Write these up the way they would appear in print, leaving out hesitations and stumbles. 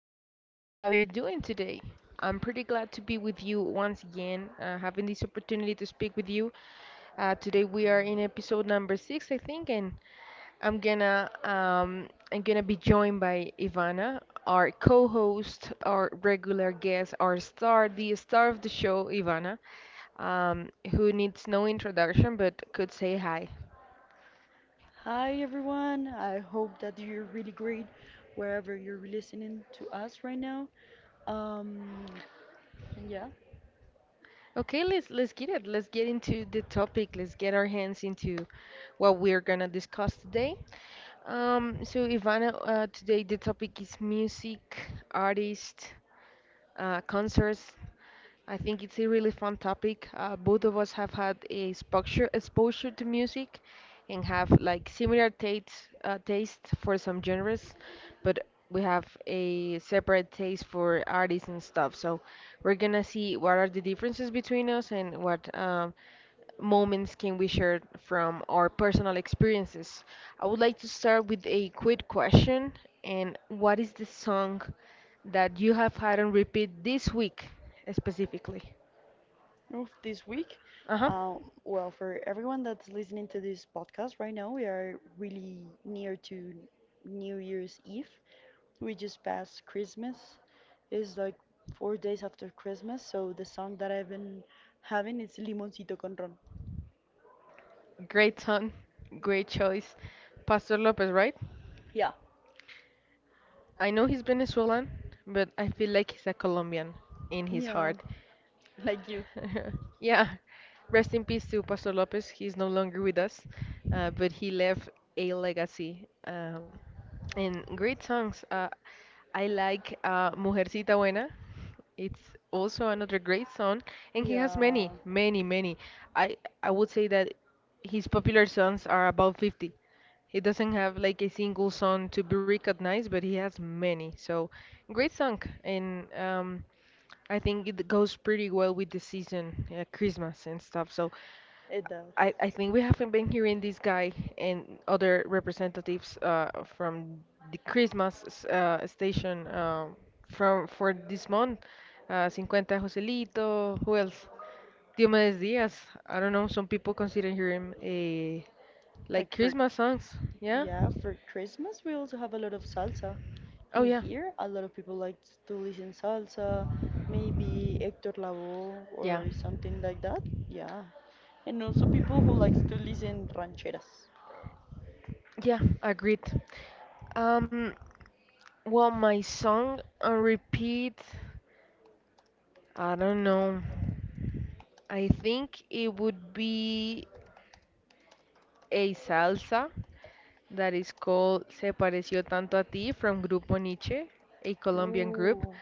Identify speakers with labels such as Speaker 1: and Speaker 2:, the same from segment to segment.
Speaker 1: Nifer. How you doing today? I'm pretty glad to be with you once again, having this opportunity to speak with you. Today we are in episode number six, I think, and I'm gonna be joined by Ivana, our co-host, our regular guest, our star, the star of the show, Ivana, who needs no introduction but could say hi.
Speaker 2: Hi everyone, I hope that you're really great wherever you're listening to us right now. Um, yeah,
Speaker 1: Okay, let's get it. Let's get into the topic. Let's get our hands into what we're gonna discuss today. So Ivana, today the topic is music, artist concerts. I think it's a really fun topic. Both of us have had a exposure to music and have like similar taste taste for some genres, but we have a separate taste for artists and stuff. So we're gonna see what are the differences between us and what moments can we share from our personal experiences? I would like to start with a quick question. And what is the song that you have had on repeat this week specifically?
Speaker 2: of this week.
Speaker 1: Uh huh.
Speaker 2: Well, for everyone that's listening to this podcast right now, we are really near to New Year's Eve. We just passed Christmas. It's like four days after Christmas, so the song that I've been having is Limoncito con Ron.
Speaker 1: Great song, great choice. Pastor Lopez, right?
Speaker 2: Yeah,
Speaker 1: I know he's Venezuelan, but I feel like he's a Colombian in his
Speaker 2: yeah,
Speaker 1: heart.
Speaker 2: like you.
Speaker 1: Yeah. Rest in peace to Pastor Lopez. He's no longer with us, but he left a legacy. And great songs. I like Mujercita Buena. It's also another great song, and he has
Speaker 2: Yeah.
Speaker 1: many, many, many. I I would say that his popular songs are about 50. He doesn't have like a single song to be recognized, but he has many. So great song, and I think it goes pretty well with the season, Christmas and stuff. So
Speaker 2: It does.
Speaker 1: I think we haven't been hearing this guy and other representatives from the Christmas station from for this month. 50 Joselito, who else? Diomedes Diaz. I don't know, some people consider him a
Speaker 2: Like
Speaker 1: like
Speaker 2: for
Speaker 1: Christmas songs. Yeah?
Speaker 2: yeah, for Christmas we also have a lot of salsa.
Speaker 1: Oh
Speaker 2: In
Speaker 1: yeah.
Speaker 2: here, a lot of people like to listen salsa, maybe Hector Lavoe
Speaker 1: Yeah.
Speaker 2: or something like that. Yeah. And also people who likes to listen rancheras.
Speaker 1: Yeah, agreed. Um well my song on repeat I don't know. I think it would be a salsa that is called Se Pareció Tanto a Ti from Grupo Nietzsche, a Colombian group.
Speaker 2: Ooh,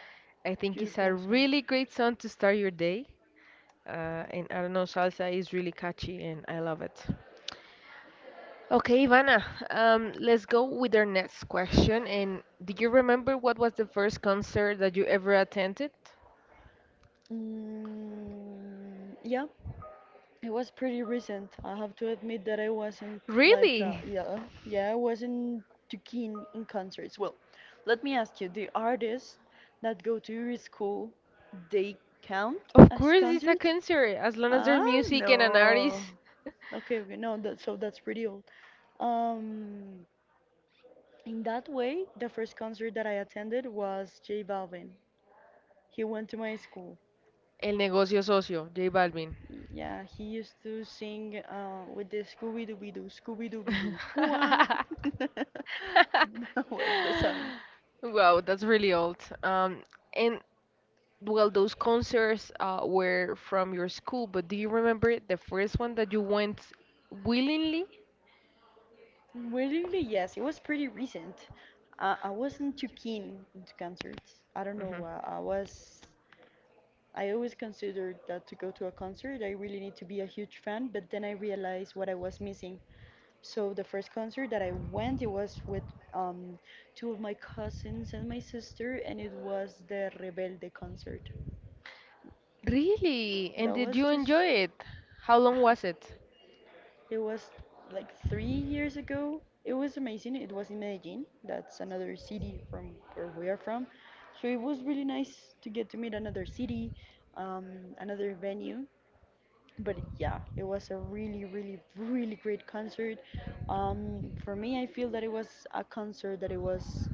Speaker 1: I think it's a
Speaker 2: beautiful song.
Speaker 1: really great song to start your day. And I don't know, salsa is really catchy and I love it. Okay, Ivana, let's go with our next question. And do you remember what was the first concert that you ever attended?
Speaker 2: Yeah, it was pretty recent. I have to admit that I wasn't like, uh,
Speaker 1: Really?
Speaker 2: yeah, yeah, I wasn't too keen in concerts. Well, let me ask you, the artists that go to your school, they count
Speaker 1: Of
Speaker 2: as
Speaker 1: course, it's a
Speaker 2: concerts?
Speaker 1: concert as long as there's
Speaker 2: Ah,
Speaker 1: music and an
Speaker 2: no.
Speaker 1: artist.
Speaker 2: Okay, okay, no, that, so that's pretty old. Um, in that way, the first concert that I attended was J Balvin. He went to my school.
Speaker 1: El negocio socio, J Balvin.
Speaker 2: Yeah, he used to sing with the Scooby Dooby Doo, Scooby Dooby Doo. Wah! That was the song.
Speaker 1: Wow, that's really old. Um, and well, those concerts were from your school, but do you remember the first one that you went willingly?
Speaker 2: Weirdly, yes, it was pretty recent. I wasn't too keen into concerts. I don't
Speaker 1: Hmm.
Speaker 2: know. I was. I always considered that to go to a concert, I really need to be a huge fan. But then I realized what I was missing. So the first concert that I went, it was with um, two of my cousins and my sister, and it was the Rebelde concert.
Speaker 1: Really? And
Speaker 2: That
Speaker 1: did
Speaker 2: was
Speaker 1: you
Speaker 2: just,
Speaker 1: enjoy it? How long was it?
Speaker 2: it was like three years ago. It was amazing. It was in Medellin. That's another city from where we are from. So it was really nice to get to meet another city, another venue. But yeah, it was a really, really, really great concert. For me, I feel that it was a concert that it was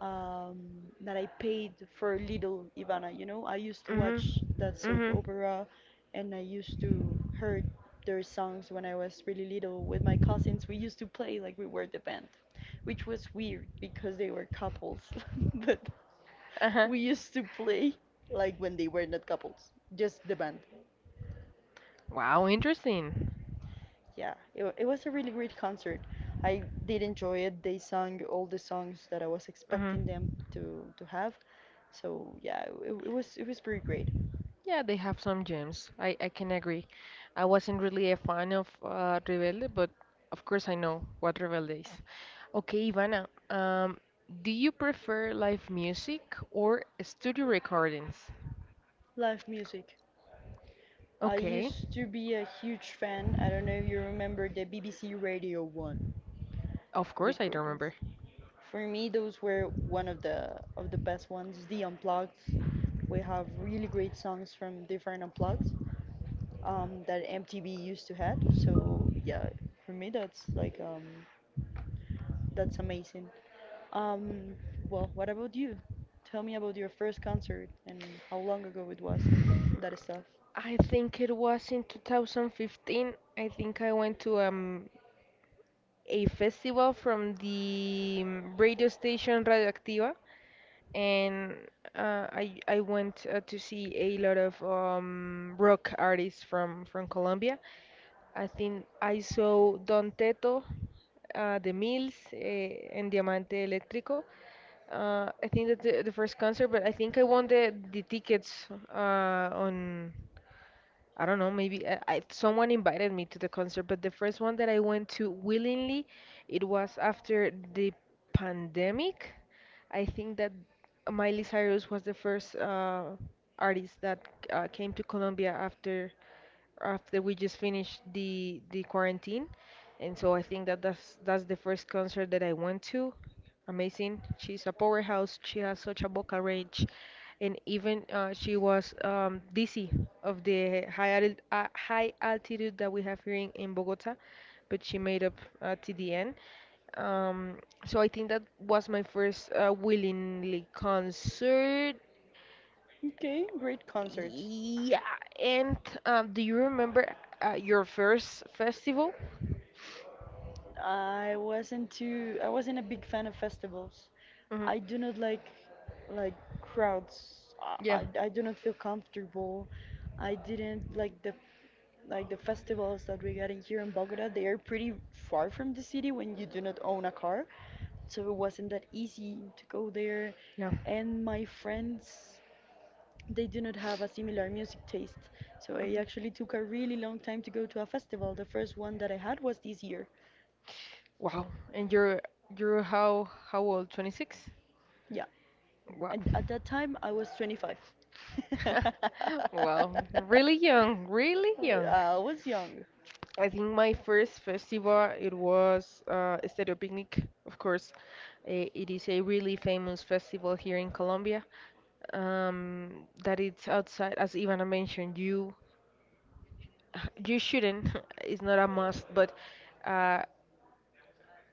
Speaker 2: um, that I paid for Little Ivana. You know, I used to
Speaker 1: Mhm.
Speaker 2: watch that soap
Speaker 1: Mhm.
Speaker 2: opera, and I used to heard their songs when I was really little with my cousins. We used to play like we were the band, which was weird because they were couples, but
Speaker 1: Uh huh.
Speaker 2: we used to play like when they were not couples, just the band.
Speaker 1: Wow, interesting.
Speaker 2: It was a really great concert. I did enjoy it. They sang all the songs that I was
Speaker 1: Mhm.
Speaker 2: expecting them to have. So yeah, it was it was pretty great.
Speaker 1: Yeah, they have some gems. I can agree. I wasn't really a fan of Rebelde, but of course I know what Rebelde is. Okay, Ivana, do you prefer live music or studio recordings?
Speaker 2: Live music. I
Speaker 1: Okay,
Speaker 2: used to be a huge fan. I don't know if you remember the BBC Radio 1
Speaker 1: of course I
Speaker 2: recordings.
Speaker 1: remember.
Speaker 2: For me, those were one of the best ones. The Unplugged. We have really great songs from different Unplugged that MTV used to had. So yeah, for me that's amazing. Um, well, what about you? Tell me about your first concert and how long ago it was and that stuff.
Speaker 1: I think it was in 2015. I think I went to a festival from the mm, radio station Radioactiva, and I went to see a lot of rock artists from Colombia. I think I saw Don Teto, The Mills, and Diamante Eléctrico. I think that's the first concert, but I think I won the tickets on. I don't know, maybe someone invited me to the concert, but the first one that I went to willingly, it was after the pandemic. I think that Miley Cyrus was the first artist that came to Colombia after we just finished the quarantine. And so I think that that's the first concert that I went to. Amazing. She's a powerhouse. She has such a vocal range, and even she was dizzy of the high altitude that we have here in Bogota, but she made up to the end. Um, so I think that was my first willingly concert.
Speaker 2: Okay, great concerts.
Speaker 1: Yeah, and do you remember your first festival?
Speaker 2: I wasn't a big fan of festivals.
Speaker 1: Hmm.
Speaker 2: I do not like like crowds.
Speaker 1: Yeah,
Speaker 2: I do not feel comfortable. I didn't like the Like the festivals that we're getting here in Bogota, they are pretty far from the city when you do not own a car. So it wasn't that easy to go there.
Speaker 1: yeah.
Speaker 2: And my friends, they do not have a similar music taste. So I
Speaker 1: Mhm.
Speaker 2: actually took a really long time to go to a festival. The first one that I had was this year.
Speaker 1: Wow, and you're how old? 26?
Speaker 2: Yeah.
Speaker 1: Wow.
Speaker 2: And at that time, I was 25.
Speaker 1: Wow, really young, really young.
Speaker 2: I was young.
Speaker 1: I think my first festival it was Stereo Picnic, of course. It is a really famous festival here in Colombia. Um, that it's outside, as Ivana mentioned, you you shouldn't, it's not a must, but uh,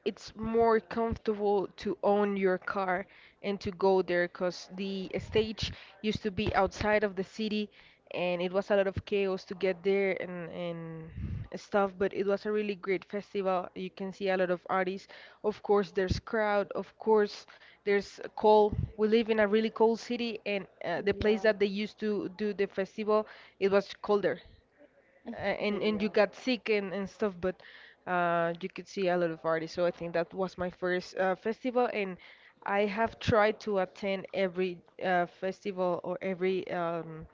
Speaker 1: it's more comfortable to own your car and to go there because the stage used to be outside of the city and it was a lot of chaos to get there and stuff, but it was a really great festival. You can see a lot of artists. Of course there's crowd, of course there's a cold. We live in a really cold city, and the
Speaker 2: Yeah.
Speaker 1: place that they used to do the festival, it was colder, and
Speaker 2: yeah,
Speaker 1: you got sick and stuff, but uh, you could see a lot of artists, so I think that was my first festival. And I have tried to attend every festival or every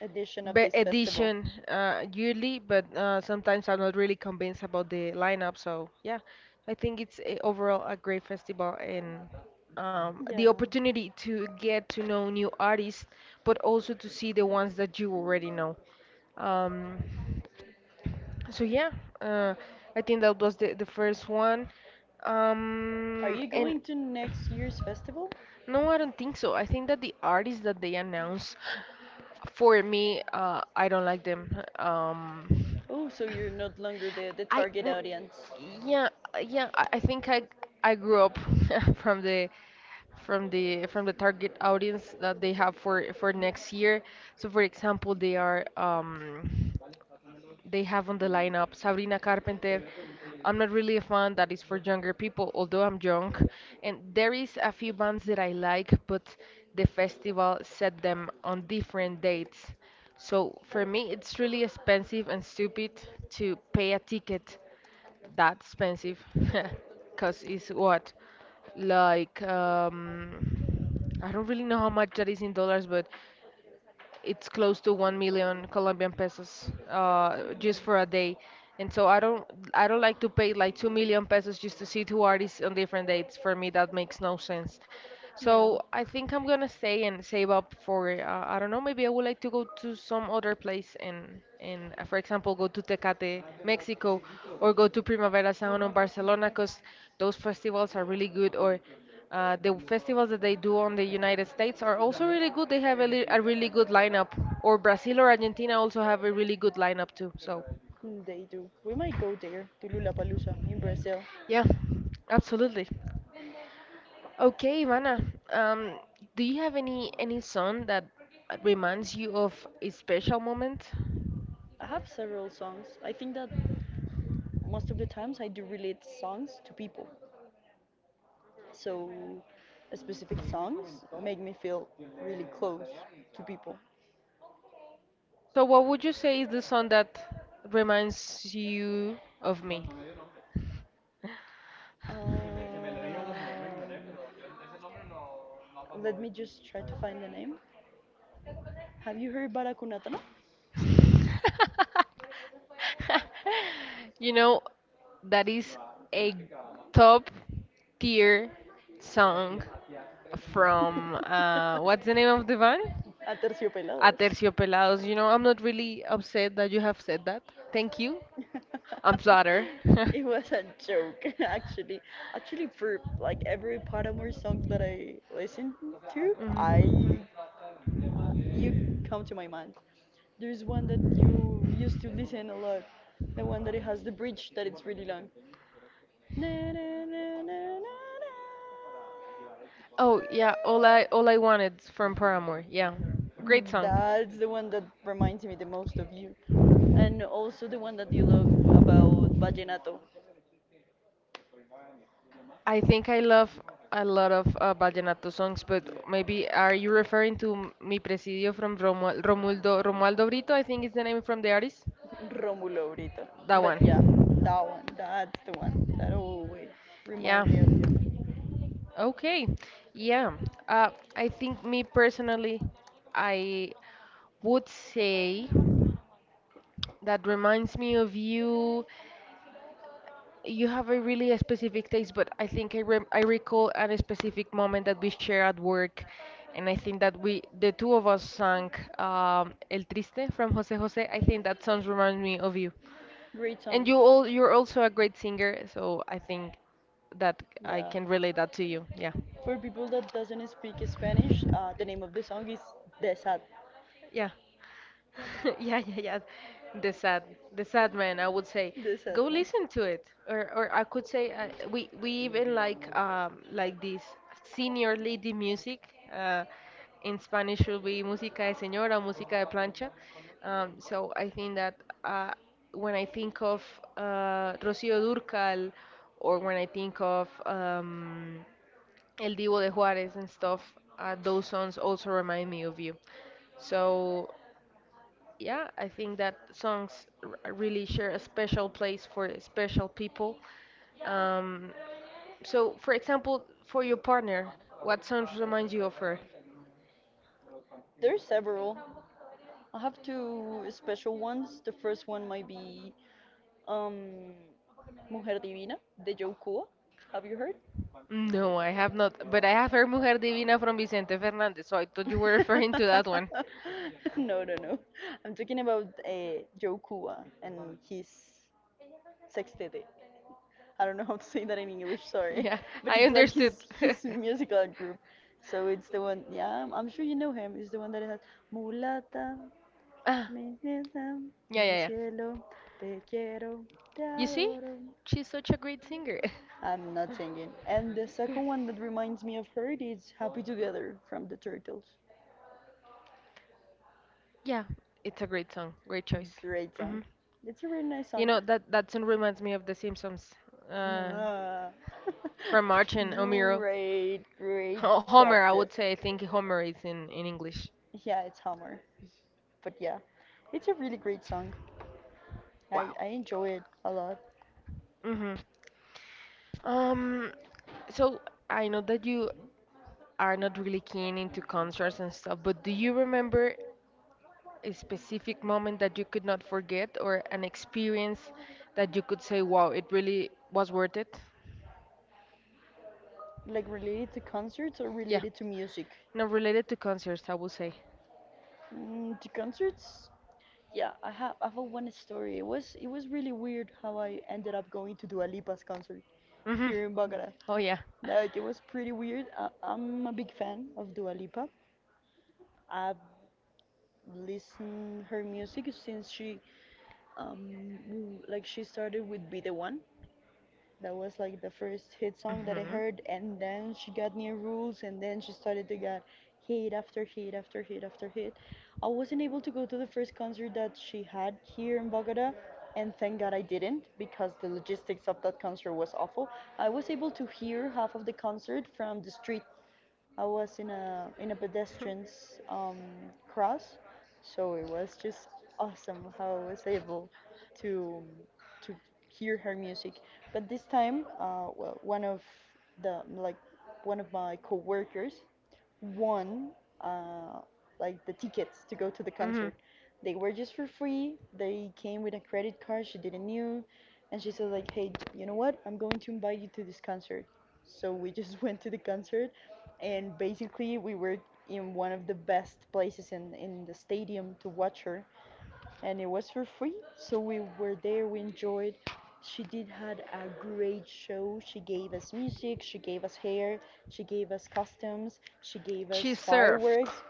Speaker 2: Edition of
Speaker 1: be
Speaker 2: this festival.
Speaker 1: edition yearly, but sometimes I'm not really convinced about the lineup. So yeah, I think it's a, overall a great festival, and
Speaker 2: Yeah.
Speaker 1: the opportunity to get to know new artists but also to see the ones that you already know. um, so yeah, uh, I think that was the first one.
Speaker 2: Are you
Speaker 1: And
Speaker 2: going to next year's festival?
Speaker 1: no, I don't think so. I think that the artists that they announced, for me, I don't like them.
Speaker 2: Oh, so you're not longer the
Speaker 1: I
Speaker 2: target
Speaker 1: mm,
Speaker 2: audience.
Speaker 1: yeah, yeah, I think I grew up from the from the target audience that they have for next year. So for example, they are they have on the lineup Sabrina Carpenter. I'm not really a fan. That is for younger people, although I'm young. And there is a few bands that I like, but the festival set them on different dates. So for me, it's really expensive and stupid to pay a ticket that expensive, because it's what like I don't really know how much that is in dollars, but it's close to 1 million Colombian pesos just for a day. And so I don't like to pay like 2 million pesos just to see two artists on different dates. For me, that makes no sense.
Speaker 2: Yeah.
Speaker 1: So I think I'm gonna stay and save up for I don't know, maybe I would like to go to some other place and for example, go to Tecate, Mexico, or go to Primavera Sound in Barcelona, 'cause those festivals are really good, or the festivals that they do on the United States are also really good. They have a, a really good lineup. Or Brazil or Argentina also have a really good lineup too. So,
Speaker 2: Mm, they do. We might go there to Lollapalooza in Brazil.
Speaker 1: yeah, absolutely. Okay, Ivana, um, do you have any song that reminds you of a special moment?
Speaker 2: I have several songs. I think that most of the times I do relate songs to people. So specific songs make me feel really close to people.
Speaker 1: So, what would you say is the song that reminds you of me?
Speaker 2: Um, Let me just try to find the name. Have you heard Baracunatana?
Speaker 1: You know, that is a top tier song from what's the name of the band?
Speaker 2: Aterciopelados.
Speaker 1: Aterciopelados. You know, I'm not really upset that you have said that. Thank you. I'm flattered.
Speaker 2: It was a joke, actually. Actually, for like every Paramore song that I listen to,
Speaker 1: Mhm.
Speaker 2: I you come to my mind. There's one that you used to listen a lot, the one that it has the bridge that it's really long. Na, na, na, na, na, na.
Speaker 1: Oh yeah, all I wanted from Paramore. Yeah, great
Speaker 2: Mm,
Speaker 1: song.
Speaker 2: that's the one that reminds me the most of you. And also the one that you love about Vallenato.
Speaker 1: I think I love a lot of vallenato songs, but maybe are you referring to Mi Presidio from Romualdo Brito? I think is the name from the artist.
Speaker 2: Romulo Brito.
Speaker 1: That one.
Speaker 2: But yeah, that one, that's the one that always
Speaker 1: Yeah.
Speaker 2: remind me of you.
Speaker 1: Okay. Yeah. I think me personally, I would say. That reminds me of you. You have a really specific taste, but I think I recall a specific moment that we share at work, and I think that we the two of us sang El Triste from Jose Jose. I think that song reminds me of you.
Speaker 2: Great song.
Speaker 1: And you're also a great singer, so I think that I
Speaker 2: Yeah.
Speaker 1: can relate that to you. Yeah.
Speaker 2: For people that doesn't speak Spanish, the name of the song is Desat.
Speaker 1: Yeah. yeah, yeah, yeah. The sad, the sad man. I would say,
Speaker 2: The sad
Speaker 1: go
Speaker 2: man.
Speaker 1: listen to it, or I could say we even like this senior lady music. Uh, in Spanish will be música de señora, música de plancha. So I think that uh, when I think of Rocío Durcal, or when I think of El Divo de Juarez and stuff, those songs also remind me of you. So, yeah, I think that songs really share a special place for special people. Um, so, for example, for your partner, what songs remind you of her?
Speaker 2: There's several. I have two special ones. The first one might be um, Mujer Divina de Joe Cuba. Have you heard?
Speaker 1: No, I have not, but I have heard Mujer Divina from Vicente Fernandez, so I thought you were referring to that one.
Speaker 2: No, no, no. I'm talking about Joe Cuba and his sextete. I don't know how to say that in English, sorry.
Speaker 1: Yeah,
Speaker 2: But
Speaker 1: I
Speaker 2: it's like
Speaker 1: understood.
Speaker 2: his musical group. So it's the one, yeah, I'm sure you know him. It's the one that has Mulata,
Speaker 1: Ah,
Speaker 2: mi nieta,
Speaker 1: yeah,
Speaker 2: mi
Speaker 1: yeah, yeah.
Speaker 2: cielo, te quiero, te
Speaker 1: You see?
Speaker 2: adoro.
Speaker 1: She's such a great singer.
Speaker 2: I'm not singing. And the second one that reminds me of her is Happy Together from the Turtles.
Speaker 1: Yeah, it's a great song. Great choice.
Speaker 2: Great song.
Speaker 1: hmm
Speaker 2: It's a really nice
Speaker 1: You
Speaker 2: song.
Speaker 1: know that that song reminds me of The Simpsons, uh,
Speaker 2: Yeah.
Speaker 1: from March and Homero.
Speaker 2: Great, great
Speaker 1: Homer, I
Speaker 2: chapter.
Speaker 1: would say. I think Homer is in English.
Speaker 2: Yeah, it's Hummer. But yeah, it's a really great song.
Speaker 1: Wow.
Speaker 2: I enjoy it a lot.
Speaker 1: hmm Um, so I know that you are not really keen into concerts and stuff, but do you remember a specific moment that you could not forget or an experience that you could say, wow, it really was worth it?
Speaker 2: Like related to concerts or
Speaker 1: Yeah.
Speaker 2: related to music?
Speaker 1: Not related to concerts, I would say.
Speaker 2: Mm, to concerts? Yeah, I have one story. It was really weird how I ended up going to Dua Lipa's concert
Speaker 1: Hmm
Speaker 2: here in Bogota.
Speaker 1: Oh, yeah.
Speaker 2: Like it was pretty weird. I'm a big fan of Dua Lipa. I've listen her music since she w- like she started with Be the One. That was like the first hit song that I
Speaker 1: hmm
Speaker 2: heard and then she got new rules and then she started to get hit after hit after hit after hit. I wasn't able to go to the first concert that she had here in Bogota and thank God I didn't because the logistics of that concert was awful. I was able to hear half of the concert from the street. I was in a pedestrian's cross, so it was just awesome how I was able to to hear her music. But this time, well, the like one of my coworkers won uh, like the tickets to go to the
Speaker 1: hmm
Speaker 2: concert. They were just for free. They came with a credit card she didn't knew, and she said like, "Hey, you know what? I'm going to invite you to this concert." So we just went to the concert, and basically we were in one of the best places in the stadium to watch her and it was for free. So we were there, we enjoyed. She did had a great show. She gave us music, she gave us hair, she gave us costumes, she gave
Speaker 1: She
Speaker 2: us
Speaker 1: surfed.
Speaker 2: fireworks.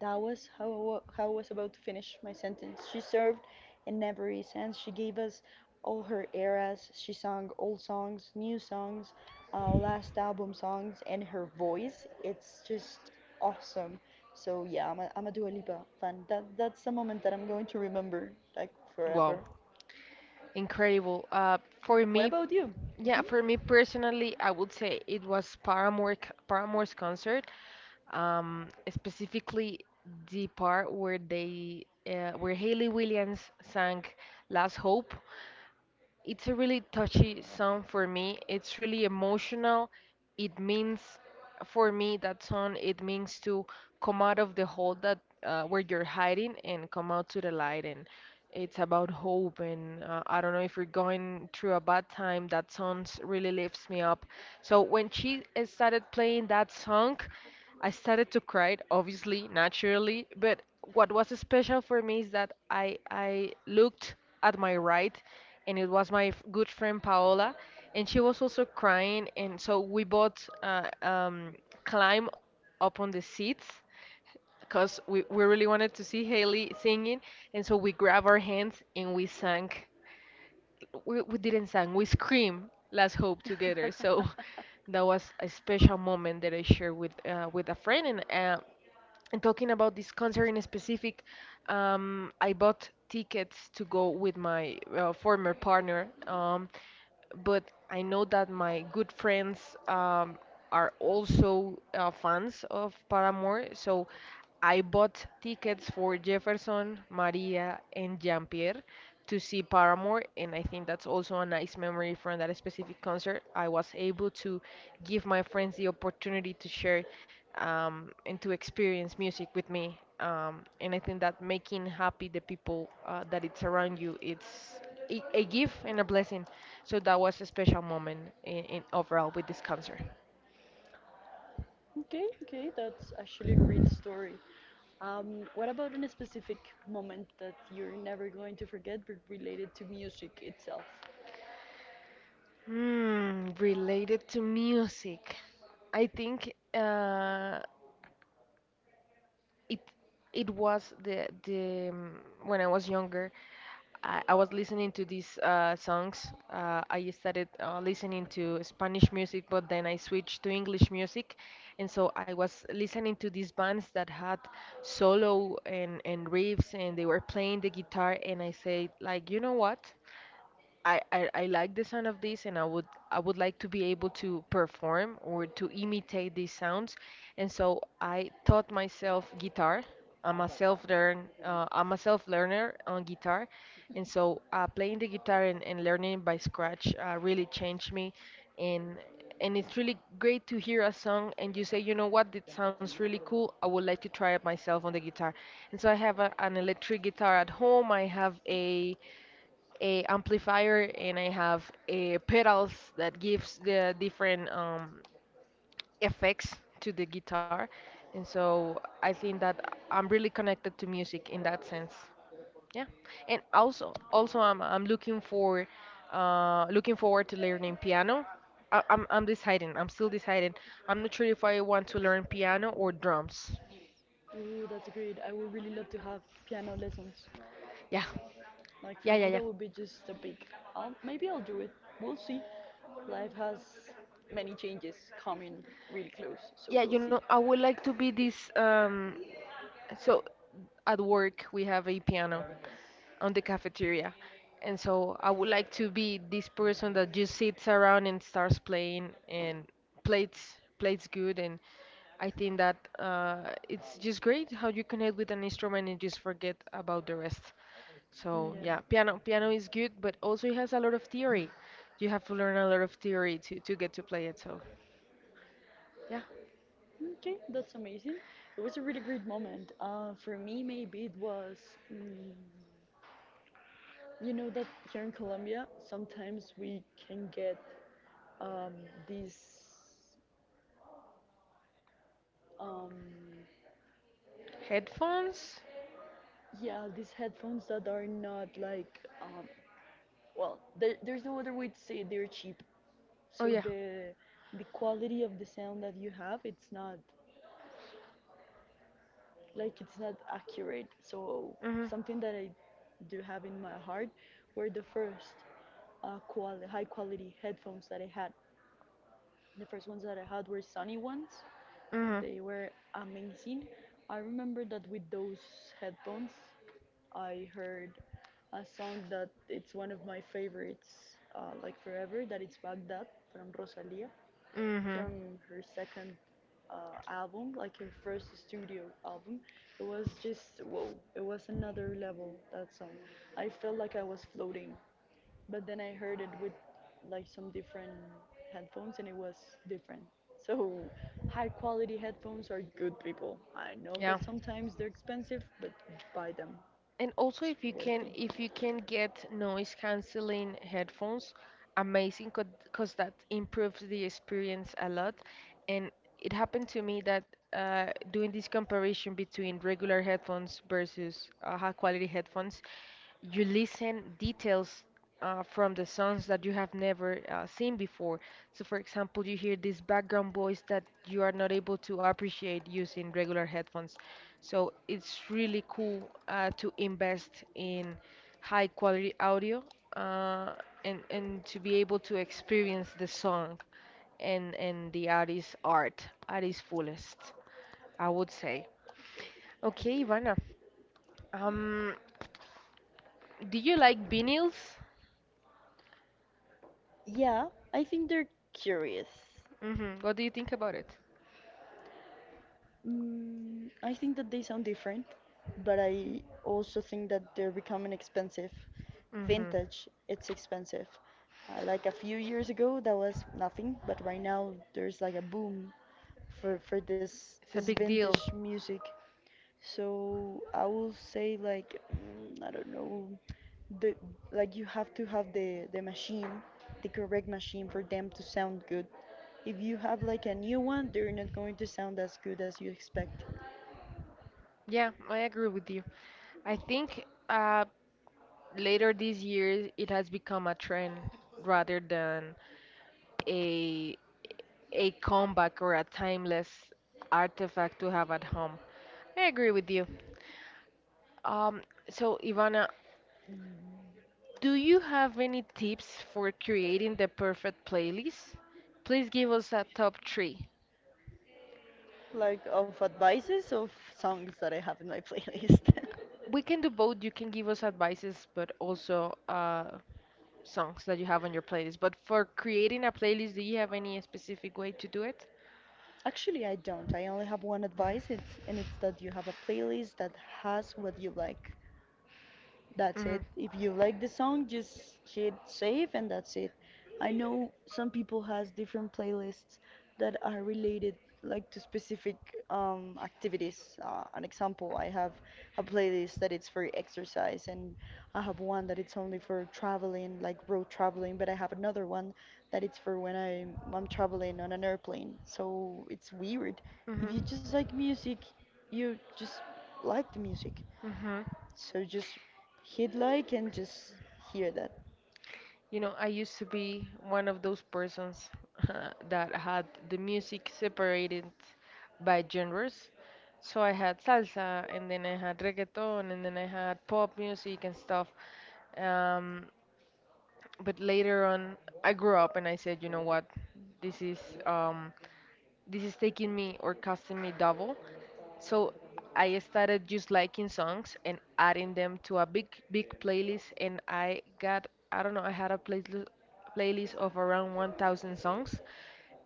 Speaker 2: That was how how I was about to finish my sentence. She served in every sense. She gave us all her eras. She sang old songs, new songs, last album songs, and her voice, it's just awesome. So yeah, I'm a Dua Lipa fan. That's a moment that I'm going to remember, like,
Speaker 1: Wow.
Speaker 2: forever.
Speaker 1: Incredible.
Speaker 2: What about you?
Speaker 1: Yeah, for me personally, I would say it was Paramore's concert, specifically the part where Haley Williams sang "Last Hope." It's a really touchy song for me. It's really emotional. It means, for me, that song, it means to come out of the hole that where you're hiding and come out to the light. And it's about hope. And I don't know if you're going through a bad time, that song really lifts me up. So when she started playing that song, I started to cry, obviously, naturally. But what was special for me is that I looked at my right, and it was my good friend Paola, and she was also crying, and so we both climb up on the seats because we really wanted to see Haley singing, and so we grabbed our hands and we sang we didn't sang, we screamed Last Hope together. So that was a special moment that I shared with a friend. And talking about this concert in specific, I bought tickets to go with my former partner. But I know that my good friends are also fans of Paramore, so I bought tickets for Jefferson, Maria, and Jean-Pierre to see Paramore, and I think that's also a nice memory from that specific concert. I was able to give my friends the opportunity to share and to experience music with me. And I think that making happy the people that it's around you, it's a gift and a blessing. So that was a special moment in overall with this concert.
Speaker 2: Okay, okay, that's actually a great story. What about in a specific moment that you're never going to forget, but related to music itself?
Speaker 1: Hmm, related to music, I think. It it was the when I was younger, I was listening to these songs. I started listening to Spanish music, but then I switched to English music, and so I was listening to these bands that had solo and riffs, and they were playing the guitar, and I said like, you know what? I like the sound of this, and I would like to be able to perform or to imitate these sounds, and so I taught myself guitar. I'm a self learner on guitar, and so playing the guitar and learning by scratch really changed me, and and it's really great to hear a song and you say, you know what, that sounds really cool. I would like to try it myself on the guitar, and so I have an electric guitar at home. I have a amplifier and I have a pedals that gives the different effects to the guitar. And so I think that I'm really connected to music in that sense. Yeah. And also I'm looking for looking forward to learning piano. I'm deciding. I'm still deciding. I'm not sure if I want to learn piano or drums.
Speaker 2: Ooh, that's great. I would really love to have piano lessons.
Speaker 1: Yeah.
Speaker 2: Like for
Speaker 1: Yeah, yeah,
Speaker 2: me,
Speaker 1: yeah.
Speaker 2: that would be just a big. I'll, maybe I'll do it. We'll see. Life has many changes coming really close, so
Speaker 1: Yeah,
Speaker 2: we'll
Speaker 1: you know,
Speaker 2: see.
Speaker 1: I would like to be this So at work we have a piano on the cafeteria. And so I would like to be this person that just sits around and starts playing and plays good and I think that it's just great how you connect with an instrument and just forget about the rest. So yeah,
Speaker 2: Yeah.
Speaker 1: piano is good, but also it has a lot of theory. You have to learn a lot of theory to get to play it. So yeah,
Speaker 2: Okay, that's amazing. It was a really great moment. For me, maybe it was. Mm, you know that here in Colombia, sometimes we can get um, these um,
Speaker 1: headphones.
Speaker 2: yeah, these headphones that are not well, there's no other way to say it, they're cheap.
Speaker 1: Oh
Speaker 2: So
Speaker 1: yeah.
Speaker 2: the quality of the sound that you have, it's not like it's not accurate. So
Speaker 1: hmm
Speaker 2: something that I do have in my heart were the first high quality headphones that I had. The first ones that I had were Sony ones. They were amazing. I remember that with those headphones, I heard a song that it's one of my favorites, like forever, that it's Baghdad from Rosalia,
Speaker 1: hmm hmm
Speaker 2: from her second album, like her first studio album. It was just, whoa, it was another level, that song. I felt like I was floating but then I heard it with like some different headphones and it was different. So high quality headphones are good people. I know that
Speaker 1: Yeah.
Speaker 2: sometimes they're expensive, but buy them.
Speaker 1: And also
Speaker 2: It's worthy.
Speaker 1: if you can get noise canceling headphones, amazing because that improves the experience a lot. And it happened to me that doing this comparison between regular headphones versus high quality headphones, you listen details from the songs that you have never seen before. So, for example, you hear this background voice that you are not able to appreciate using regular headphones. So, it's really cool to invest in high quality audio uh, and to be able to experience the song and the artist's art at its fullest, I would say. Okay, Ivana, um, do you like vinyls?
Speaker 2: Yeah, I think they're curious.
Speaker 1: Hmm What do you think about it?
Speaker 2: Mm, I think that they sound different, but I also think that they're becoming expensive.
Speaker 1: Hmm
Speaker 2: Vintage, it's expensive. Like a few years ago, that was nothing, but right now there's like a boom for for this
Speaker 1: It's a
Speaker 2: this
Speaker 1: big
Speaker 2: vintage
Speaker 1: deal.
Speaker 2: music. So I will say I don't know the like you have to have the machine, the correct machine for them to sound good. If you have like a new one, they're not going to sound as good as you expect.
Speaker 1: Yeah, I agree with you. I think later this year it has become a trend rather than a a comeback or a timeless artifact to have at home. I agree with you. Um, Ivana, do you have any tips for creating the perfect playlist? Please give us a top three.
Speaker 2: Like of advices of songs that I have in my playlist.
Speaker 1: We can do both. You can give us advices, but also songs that you have on your playlist. But for creating a playlist, do you have any specific way to do it?
Speaker 2: Actually, I don't. I only have one advice, it's that you have a playlist that has what you like. That's
Speaker 1: Hmm
Speaker 2: it. If you like the song, just hit save and that's it. I know some people has different playlists that are related like to specific activities. An example, I have a playlist that it's for exercise and I have one that it's only for traveling, like road traveling, but I have another one that it's for when I'm traveling on an airplane. So it's weird. If
Speaker 1: hmm
Speaker 2: you just like music, you just like the music.
Speaker 1: hmm
Speaker 2: So just hit like and just hear that.
Speaker 1: You know, I used to be one of those persons that had the music separated by genres. So I had salsa, and then I had reggaeton, and then I had pop music and stuff. Um, but later on, I grew up and I said, you know what, this is um, this is taking me or costing me double. So I started just liking songs and adding them to a big, big playlist, and I got, I don't know, I had a playlist of around 1,000 songs,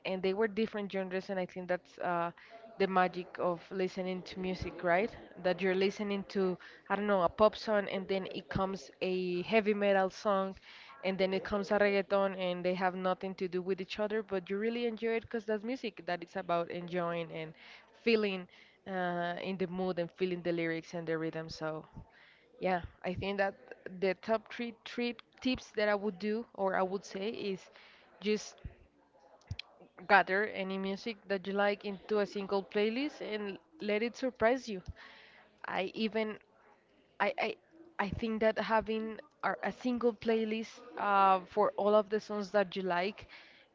Speaker 1: and they were different genres and I think that's the magic of listening to music, right, that you're listening to, I don't know, a pop song and then it comes a heavy metal song and then it comes a reggaeton and they have nothing to do with each other, but you really enjoy it because that's music that it's about enjoying and feeling in the mood and feeling the lyrics and the rhythm. So yeah, I think that the top three tips that I would do or I would say is just gather any music that you like into a single playlist and let it surprise you. I even I I, I think that having a single playlist for all of the songs that you like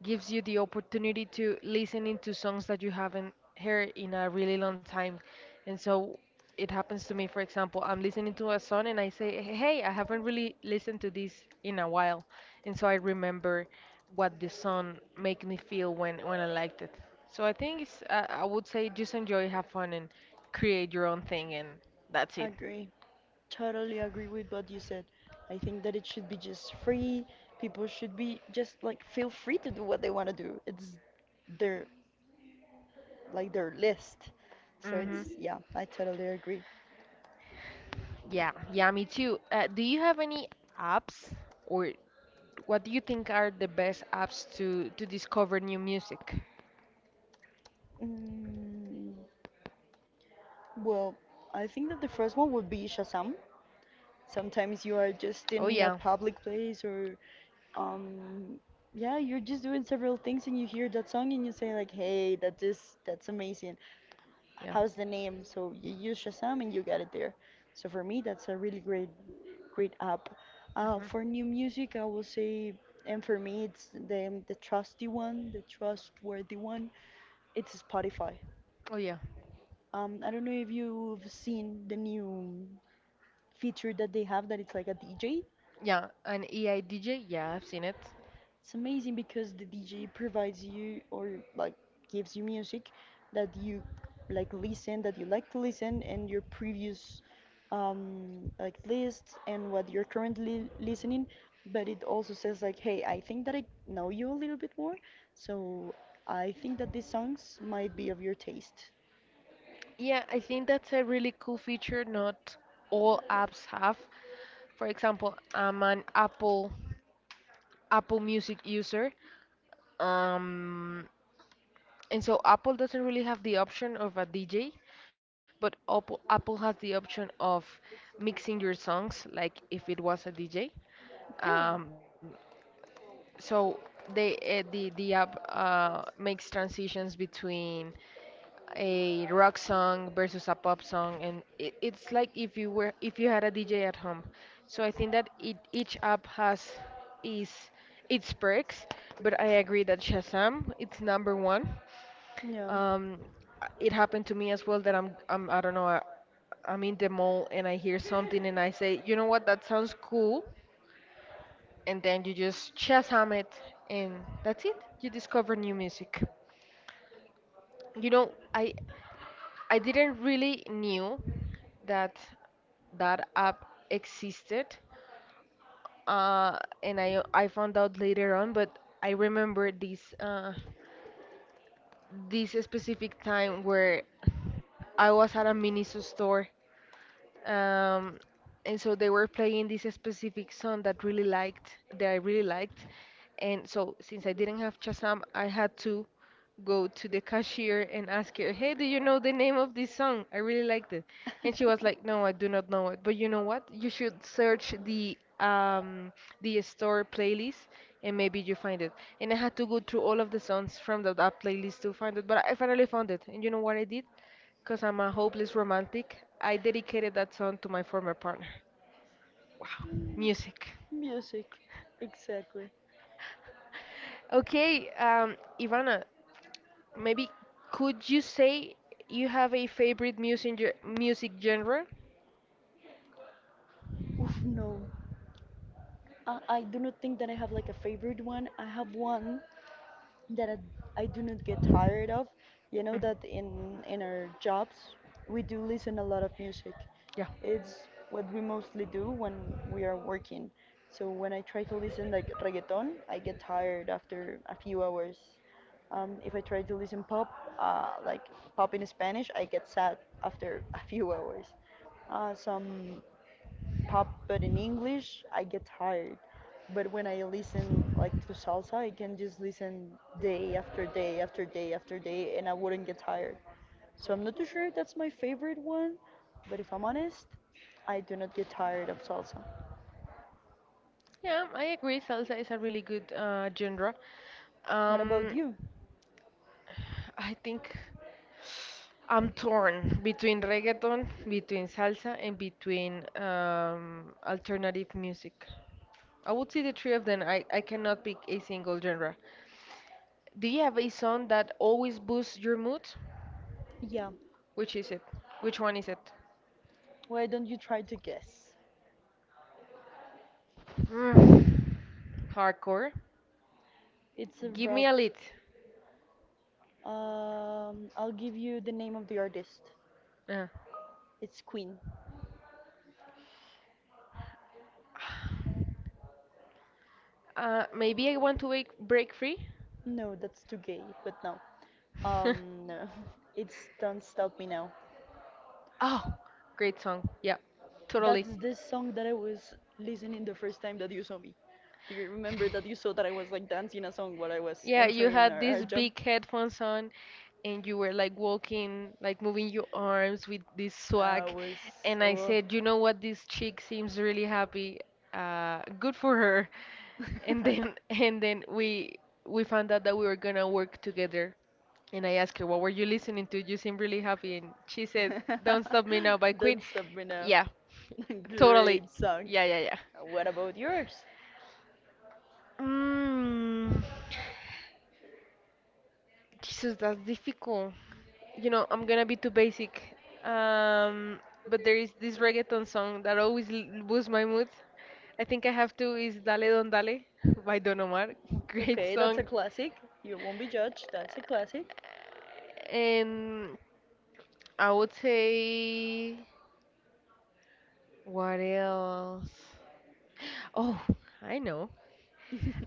Speaker 1: gives you the opportunity to listen into songs that you haven't heard in a really long time. And so it happens to me, for example, I'm listening to a song and I say, hey, I haven't really listened to this in a while. And so I remember what the song make me feel when I liked it. So I think it's I would say just enjoy, have fun, and create your own thing, and that's it.
Speaker 2: Agree. Totally agree with what you said. I think that it should be just free. People should be just like feel free to do what they want to do. It's their like their list. So it's
Speaker 1: Hmm
Speaker 2: yeah, I totally agree.
Speaker 1: Yeah, yeah, me too. Do you have any apps, or what do you think are the best apps to discover new music?
Speaker 2: Mm, well, I think that the first one would be Shazam. Sometimes you are just
Speaker 1: Oh
Speaker 2: in a
Speaker 1: yeah.
Speaker 2: public place or um yeah, you're just doing several things and you hear that song and you say like, hey, that this that's amazing,
Speaker 1: Yeah.
Speaker 2: how's the name? So you use Shazam and you got it there. So for me, that's a really great app,
Speaker 1: Mhm.
Speaker 2: for new music, I will say. And for me, it's the trusty one, the trustworthy one. It's Spotify.
Speaker 1: Oh yeah.
Speaker 2: I don't know if you've seen the new feature that they have, that it's like a DJ.
Speaker 1: Yeah, an AI DJ, yeah, I've seen it.
Speaker 2: It's amazing because the DJ provides you, or like gives you music that you that you like to listen, and your previous like lists and what you're currently listening. But it also says like, hey, I think that I know you a little bit more, so I think that these songs might be of your taste.
Speaker 1: Yeah, I think that's a really cool feature not all apps have. For example, I'm an Apple Music user. Um, And so Apple doesn't really have the option of a DJ, but Apple has the option of mixing your songs like if it was a DJ.
Speaker 2: Okay.
Speaker 1: Um, so they the app makes transitions between a rock song versus a pop song and it, it's like if you were if you had a DJ at home. So I think that each app has is its perks, but I agree that Shazam it's number one.
Speaker 2: Yeah,
Speaker 1: Um, it happened to me as well that I don't know I'm in the mall and I hear something and I say, you know what, that sounds cool, and then you just Shazam it, and that's it. You discover new music. You know, I didn't really knew that that app existed, uh, and I found out later on, but I remember this this specific time where I was at a Miniso store, um, and so they were playing this specific song that really liked, and so since I didn't have Shazam, I had to go to the cashier and ask her, "Hey, do you know the name of this song? I really liked it." And she was like, "No, I do not know it." But you know what? You should search the store playlist and maybe you find it. And I had to go through all of the songs from that playlist to find it, but I finally found it. And you know what I did? Because I'm a hopeless romantic, I dedicated that song to my former partner. Wow, music.
Speaker 2: music, exactly.
Speaker 1: Okay, Ivana, maybe could you say you have a favorite music genre?
Speaker 2: Oof, no. I do not think that I have like a favorite one. I have one that I do not get tired of. You know
Speaker 1: Mm.
Speaker 2: that in our jobs we do listen a lot of music.
Speaker 1: Yeah,
Speaker 2: It's what we mostly do when we are working. So when I try to listen like reggaeton, I get tired after a few hours. If I try to listen pop, like pop in Spanish, I get sad after a few hours. Some pop but in English, I get tired, but when I listen like to salsa, I can just listen day after day after day after day, and I wouldn't get tired. So I'm not too sure if that's my favorite one, but if I'm honest, I do not get tired of salsa.
Speaker 1: yeah, I agree. Salsa is a really good genre.
Speaker 2: What about
Speaker 1: Um,
Speaker 2: you?
Speaker 1: I think. I'm torn between reggaeton, between salsa, and between alternative music. I would say the three of them. I cannot pick a single genre. Do you have a song that always boosts your mood?
Speaker 2: Yeah.
Speaker 1: Which is it? Which one is it?
Speaker 2: Why don't you try to guess?
Speaker 1: Mm. Hardcore.
Speaker 2: It's a
Speaker 1: Give me a
Speaker 2: rock.
Speaker 1: lead.
Speaker 2: I'll give you the name of the artist.
Speaker 1: Uh,
Speaker 2: It's Queen.
Speaker 1: maybe I want to wake, break free.
Speaker 2: No, that's too gay, but no. um no. It's Don't Stop Me Now.
Speaker 1: Oh, great song. Yeah, totally.
Speaker 2: That's the song that I was listening the first time that you saw me. Do you remember that you saw that I was like dancing a song while I was
Speaker 1: Yeah, you
Speaker 2: entering
Speaker 1: had
Speaker 2: our
Speaker 1: these
Speaker 2: job?
Speaker 1: big headphones on and you were like walking, like moving your arms with this
Speaker 2: I
Speaker 1: swag.
Speaker 2: was
Speaker 1: And I
Speaker 2: so.
Speaker 1: said, you know what, this chick seems really happy. Good for her. And then and then we found out that we were gonna work together. And I asked her, what were you listening to? You seem really happy. And she said, Don't Stop Me Now by Queen.
Speaker 2: Don't Stop Me Now.
Speaker 1: Yeah, totally.
Speaker 2: Great song.
Speaker 1: Yeah, yeah, yeah.
Speaker 2: What about yours?
Speaker 1: Mm. Jesus, that's difficult. You know, I'm gonna be too basic. But there is this reggaeton song that always boosts my mood. I think I have to is Dale Don Dale by Don Omar. Great
Speaker 2: Okay, that's
Speaker 1: song.
Speaker 2: a classic. You won't be judged. That's a classic.
Speaker 1: And I would say, what else? Oh, I know.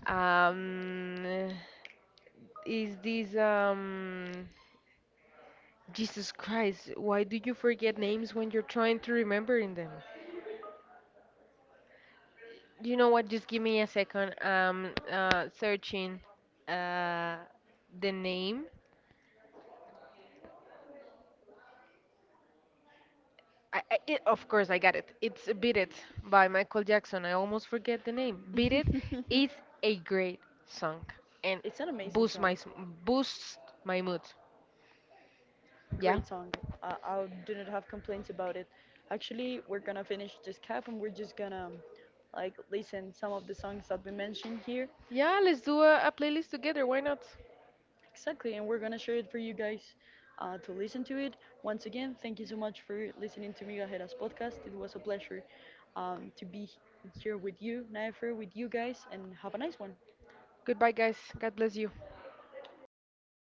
Speaker 1: Um, is this Jesus Christ, why do you forget names when you're trying to remember in them? You know what? Just give me a second. Searching uh, the name. Of course, I got it. It's Beat It by Michael Jackson. I almost forget the name. Beat It is a great song and
Speaker 2: It's an amazing
Speaker 1: boosts
Speaker 2: song.
Speaker 1: my s- boosts my mood. Yeah.
Speaker 2: Great song. I do not have complaints about it. Actually, we're gonna finish this cap and we're just gonna like listen some of the songs that we mentioned here.
Speaker 1: Yeah, let's do a playlist together. Why not?
Speaker 2: Exactly, and we're gonna share it for you guys, to listen to it. Once again, thank you so much for listening to Migajera's podcast. It was a pleasure to be here with you, Naifer, with you guys, and have a nice one.
Speaker 1: Goodbye, guys. God bless you.